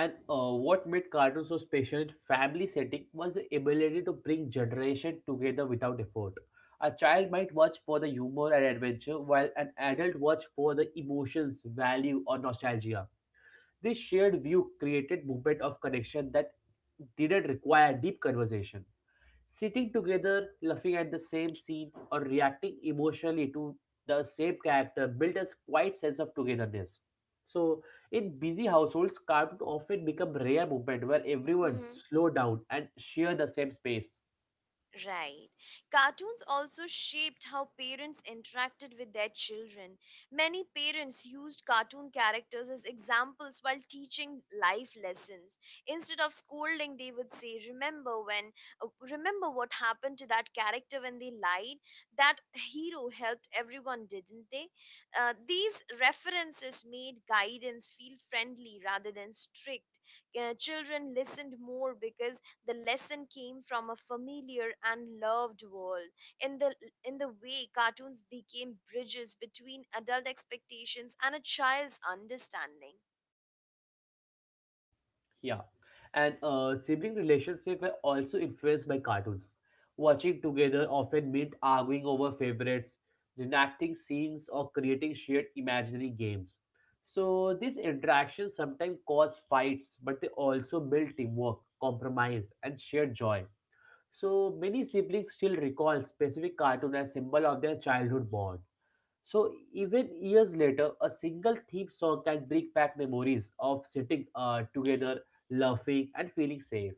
And uh, what made cartoons so special in family setting was the ability to bring generation together without effort. A child might watch for the humor and adventure, while an adult watch for the emotions, value, or nostalgia. This shared view created movement of connection that didn't require deep conversation sitting together, laughing at the same scene, or reacting emotionally to the same character built a quiet sense of togetherness. So, in busy households, cartoons often become rare movement where everyone slow down and share the same space. Right. Cartoons also shaped how parents interacted with their children. Many parents used cartoon characters as examples while teaching life lessons. Instead of scolding, they would say, "Remember when uh, remember what happened to that character when they lied? That hero helped everyone, didn't they?" Uh, these references made guidance feel friendly rather than strict. Uh, children listened more because the lesson came from a familiar and loved world. In the in the way cartoons became bridges between adult expectations and a child's understanding. Yeah. And uh, sibling relationships were also influenced by cartoons. Watching together often meant arguing over favorites, reenacting scenes, or creating shared imaginary games. So these interactions sometimes cause fights, but they also build teamwork, compromise, and shared joy. So many siblings still recall specific cartoons as symbol of their childhood bond. So even years later, a single theme song can bring back memories of sitting uh, together, laughing, and feeling safe.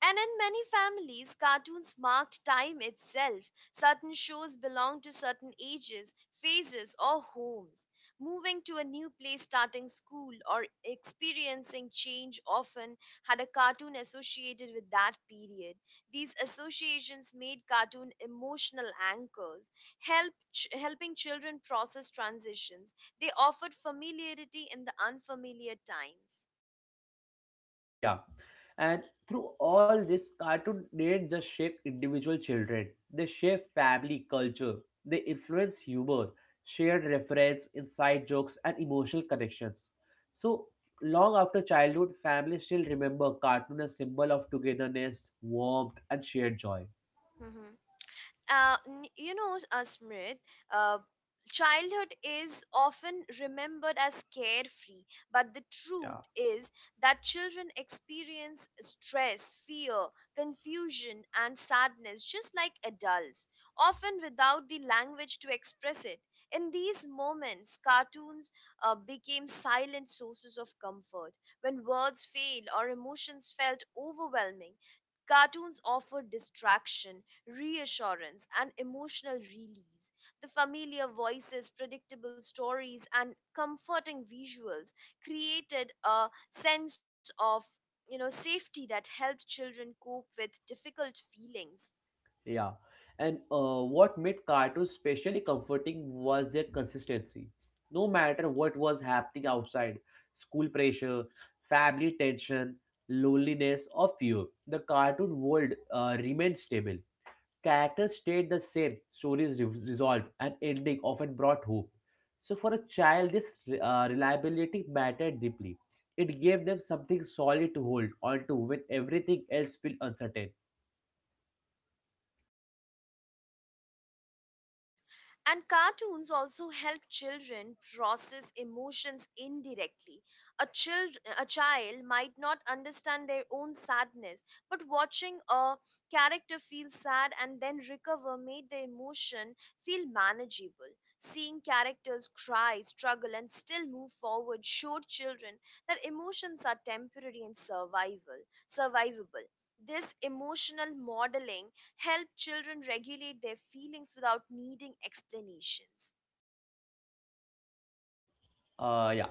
And in many families, cartoons marked time itself. Certain shows belonged to certain ages, phases, or homes. Moving to a new place, starting school, or experiencing change often had a cartoon associated with that period. These associations made cartoon emotional anchors, help ch- helping children process transitions. They offered familiarity in the unfamiliar times. Yeah. And through all this, cartoon didn't just shape individual children, they shape family culture. They influence humor, shared reference, inside jokes, and emotional connections. So long after childhood, families still remember cartoon as symbol of togetherness, warmth, and shared joy. Uh, n- you know, uh, Smrit, uh, childhood is often remembered as carefree, but the truth Yeah. is that children experience stress, fear, confusion, and sadness just like adults, often without the language to express it. In these moments, cartoons uh, became silent sources of comfort. When words fail or emotions felt overwhelming, cartoons offer distraction, reassurance, and emotional release. The familiar voices, predictable stories, and comforting visuals created a sense of, you know, safety that helped children cope with difficult feelings. Yeah. And uh, what made cartoons especially comforting was their consistency. No matter what was happening outside, school pressure, family tension, loneliness, or fear, the cartoon world uh, remained stable. Characters stayed the same, stories re- resolved, and ending often brought hope. So, for a child, this uh, reliability mattered deeply. It gave them something solid to hold onto when everything else felt uncertain. And cartoons also help children process emotions indirectly. A, child, a child might not understand their own sadness, but watching a character feel sad and then recover made the emotion feel manageable. Seeing characters cry, struggle, and still move forward showed children that emotions are temporary and survival, survivable. This emotional modeling help children regulate their feelings without needing explanations. Uh, yeah.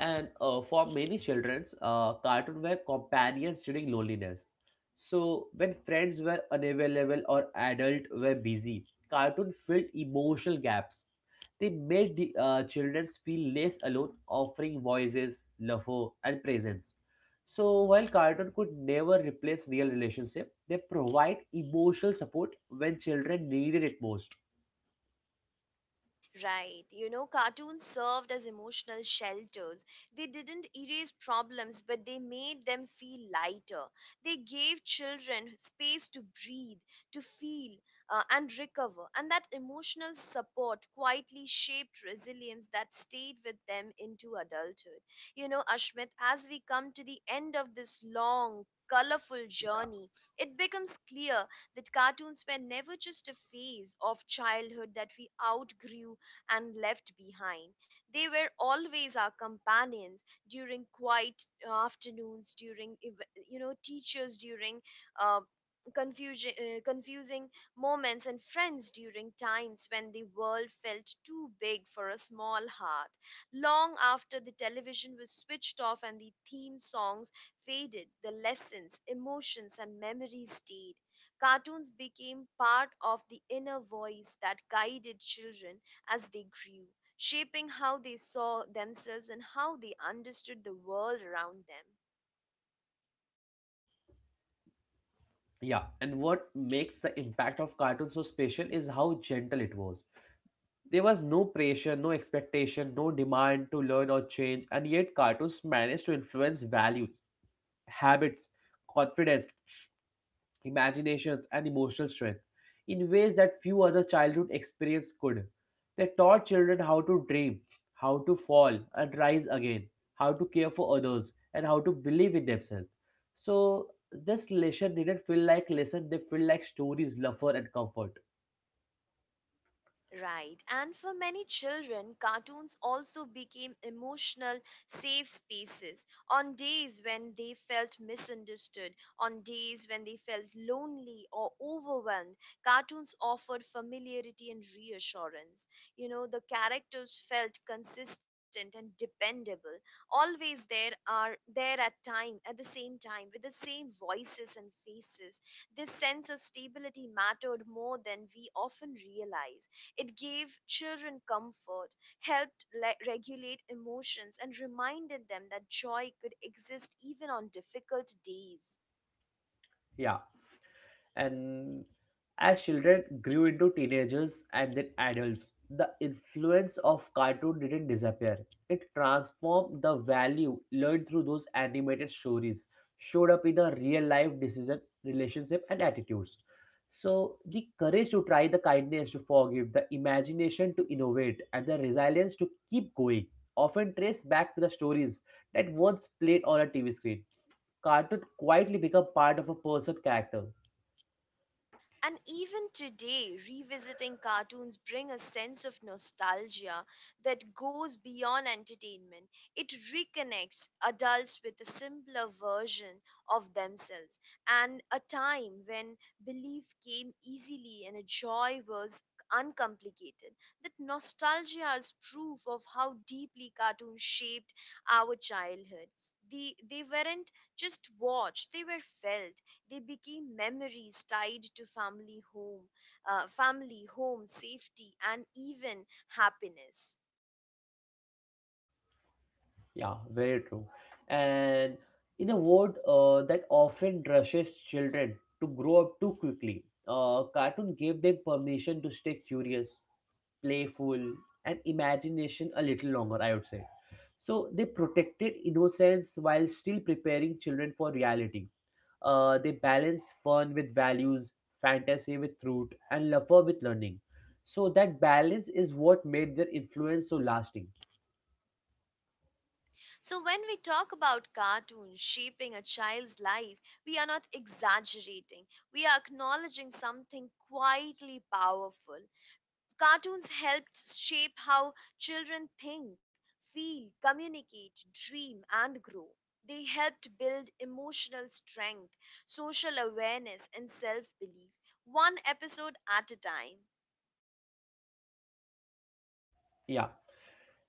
And uh, for many children, uh, cartoons were companions during loneliness. So when friends were unavailable or adults were busy, cartoon filled emotional gaps. They made the, uh, children feel less alone, offering voices, laughter, and presence. So while cartoon could never replace real relationship, they provide emotional support when children needed it most. Right. You know, cartoons served as emotional shelters. They didn't erase problems, but they made them feel lighter. They gave children space to breathe, to feel, uh, and recover. And that emotional support quietly shaped resilience that stayed with them into adulthood. You know, Ashmit, as we come to the end of this long, colorful journey, it becomes clear that cartoons were never just a phase of childhood that we outgrew and left behind. They were always our companions during quiet afternoons, during ev- you know teachers, during uh, confusion, uh, confusing moments, and friends during times when the world felt too big for a small heart. Long after the television was switched off and the theme songs faded, the lessons, emotions, and memories stayed. Cartoons became part of the inner voice that guided children as they grew, shaping how they saw themselves and how they understood the world around them. Yeah, and what makes the impact of cartoon so special is how gentle it was. There was no pressure, no expectation, no demand to learn or change, and yet cartoons managed to influence values, habits, confidence, imaginations, and emotional strength in ways that few other childhood experience could. They taught children how to dream, how to fall and rise again, how to care for others, and how to believe in themselves. So this lesson didn't feel like lesson; they feel like stories, laughter, and comfort. Right. And for many children, cartoons also became emotional safe spaces on days when they felt misunderstood, on days when they felt lonely or overwhelmed. Cartoons offered familiarity and reassurance. You know, the characters felt consistent and dependable, always there are there at time at the same time with the same voices and faces. This sense of stability mattered more than we often realize. It gave children comfort, helped le- regulate emotions, and reminded them that joy could exist even on difficult days. Yeah, and as children grew into teenagers and then adults, the influence of cartoon didn't disappear. It transformed the value learned through those animated stories, showed up in the real life decision, relationship, and attitudes. So, the courage to try, the kindness to forgive, the imagination to innovate, and the resilience to keep going often trace back to the stories that once played on a T V screen. Cartoon quietly become part of a person's character. And even today, revisiting cartoons bring a sense of nostalgia that goes beyond entertainment. It reconnects adults with a simpler version of themselves and a time when belief came easily and a joy was uncomplicated. That nostalgia is proof of how deeply cartoons shaped our childhood. The, they weren't just watched, they were felt. They became memories tied to family home, uh, family home safety, and even happiness. Yeah, very true. And in a world uh, that often rushes children to grow up too quickly, uh, cartoon gave them permission to stay curious, playful, and imagination a little longer, I would say. So they protected innocence while still preparing children for reality. Uh, they balance fun with values, fantasy with truth, and laughter with learning. So that balance is what made their influence so lasting. So when we talk about cartoons shaping a child's life, we are not exaggerating. We are acknowledging something quietly powerful. Cartoons helped shape how children think, feel, communicate, dream, and grow. They helped build emotional strength, social awareness, and self belief, one episode at a time. Yeah,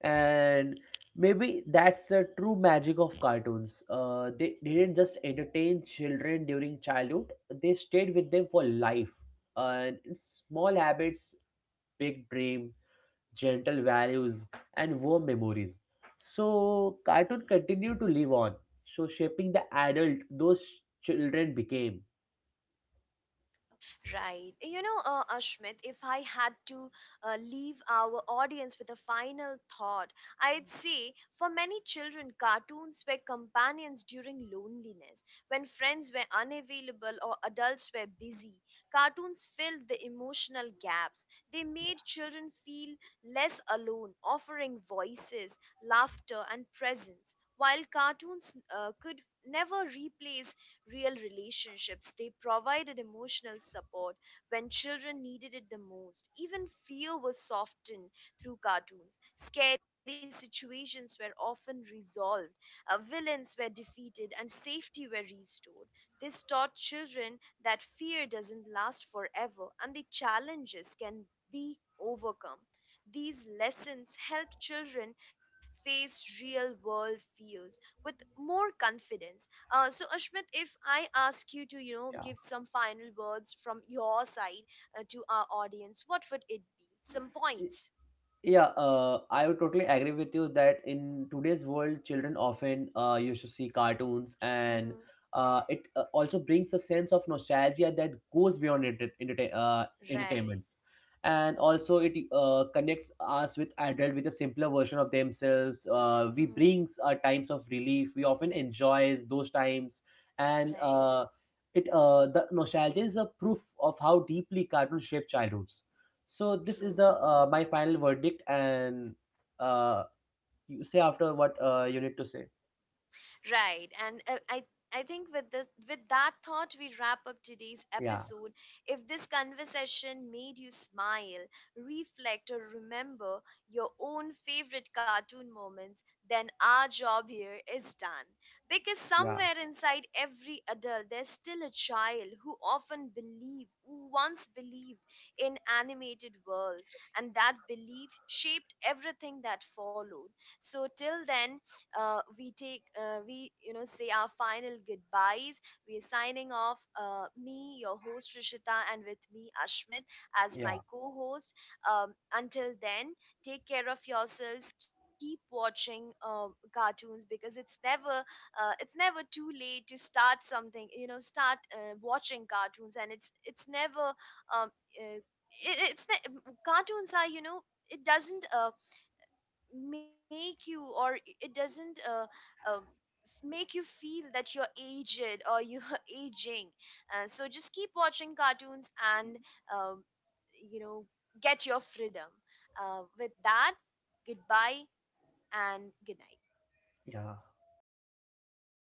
and maybe that's the true magic of cartoons uh, they didn't just entertain children during childhood, they stayed with them for life, and in small habits, big dream, gentle values, and warm memories. So cartoon continued to live on, so shaping the adult those children became. Right. You know, uh, Ashmit, if I had to uh, leave our audience with a final thought, I'd say for many children, cartoons were companions during loneliness. When friends were unavailable or adults were busy, cartoons filled the emotional gaps. They made children feel less alone, offering voices, laughter, and presence. While cartoons uh, could never replace real relationships. They provided emotional support when children needed it the most. Even fear was softened through cartoons. Scary situations were often resolved, uh, villains were defeated, and safety were restored. This taught children that fear doesn't last forever and the challenges can be overcome. These lessons help children face real world fears with more confidence. Uh, so Ashmit, if I ask you to, you know, Yeah. give some final words from your side uh, to our audience, what would it be? Some points. Yeah, uh, I would totally agree with you that in today's world, children often uh, used to see cartoons, and Mm-hmm. uh, it uh, also brings a sense of nostalgia that goes beyond enter- entertain- uh, Right. entertainments. And also, it uh, connects us with adults with a simpler version of themselves. Uh, we Mm-hmm. brings uh, times of relief. We often enjoys those times, and Right. uh, it uh, the nostalgia is a proof of how deeply cartoons shape childhoods. So this is the True. uh, my final verdict, and uh, you say after what uh, you need to say. Right. And uh, I I think with this with that thought we wrap up today's Yeah, episode. If this conversation made you smile, reflect or remember your own favorite cartoon moments, then our job here is done. Because yeah, somewhere inside every adult there's still a child who often believed who once believed in animated worlds and that belief shaped everything that followed. So till then uh, we take uh, we, you know, say our final goodbyes. We're signing off, uh, me your host Rishita and with me Ashmit as yeah, my co-host. Um, until then take care of yourselves, keep watching uh, cartoons, because it's never uh, it's never too late to start something, you know, start uh, watching cartoons. And it's it's never um, uh, it, it's ne- cartoons are, you know, it doesn't uh, make you or it doesn't uh, uh, make you feel that you're aged or you're aging. Uh, so just keep watching cartoons and um, you know get your freedom uh, with that, goodbye and good night. yeah.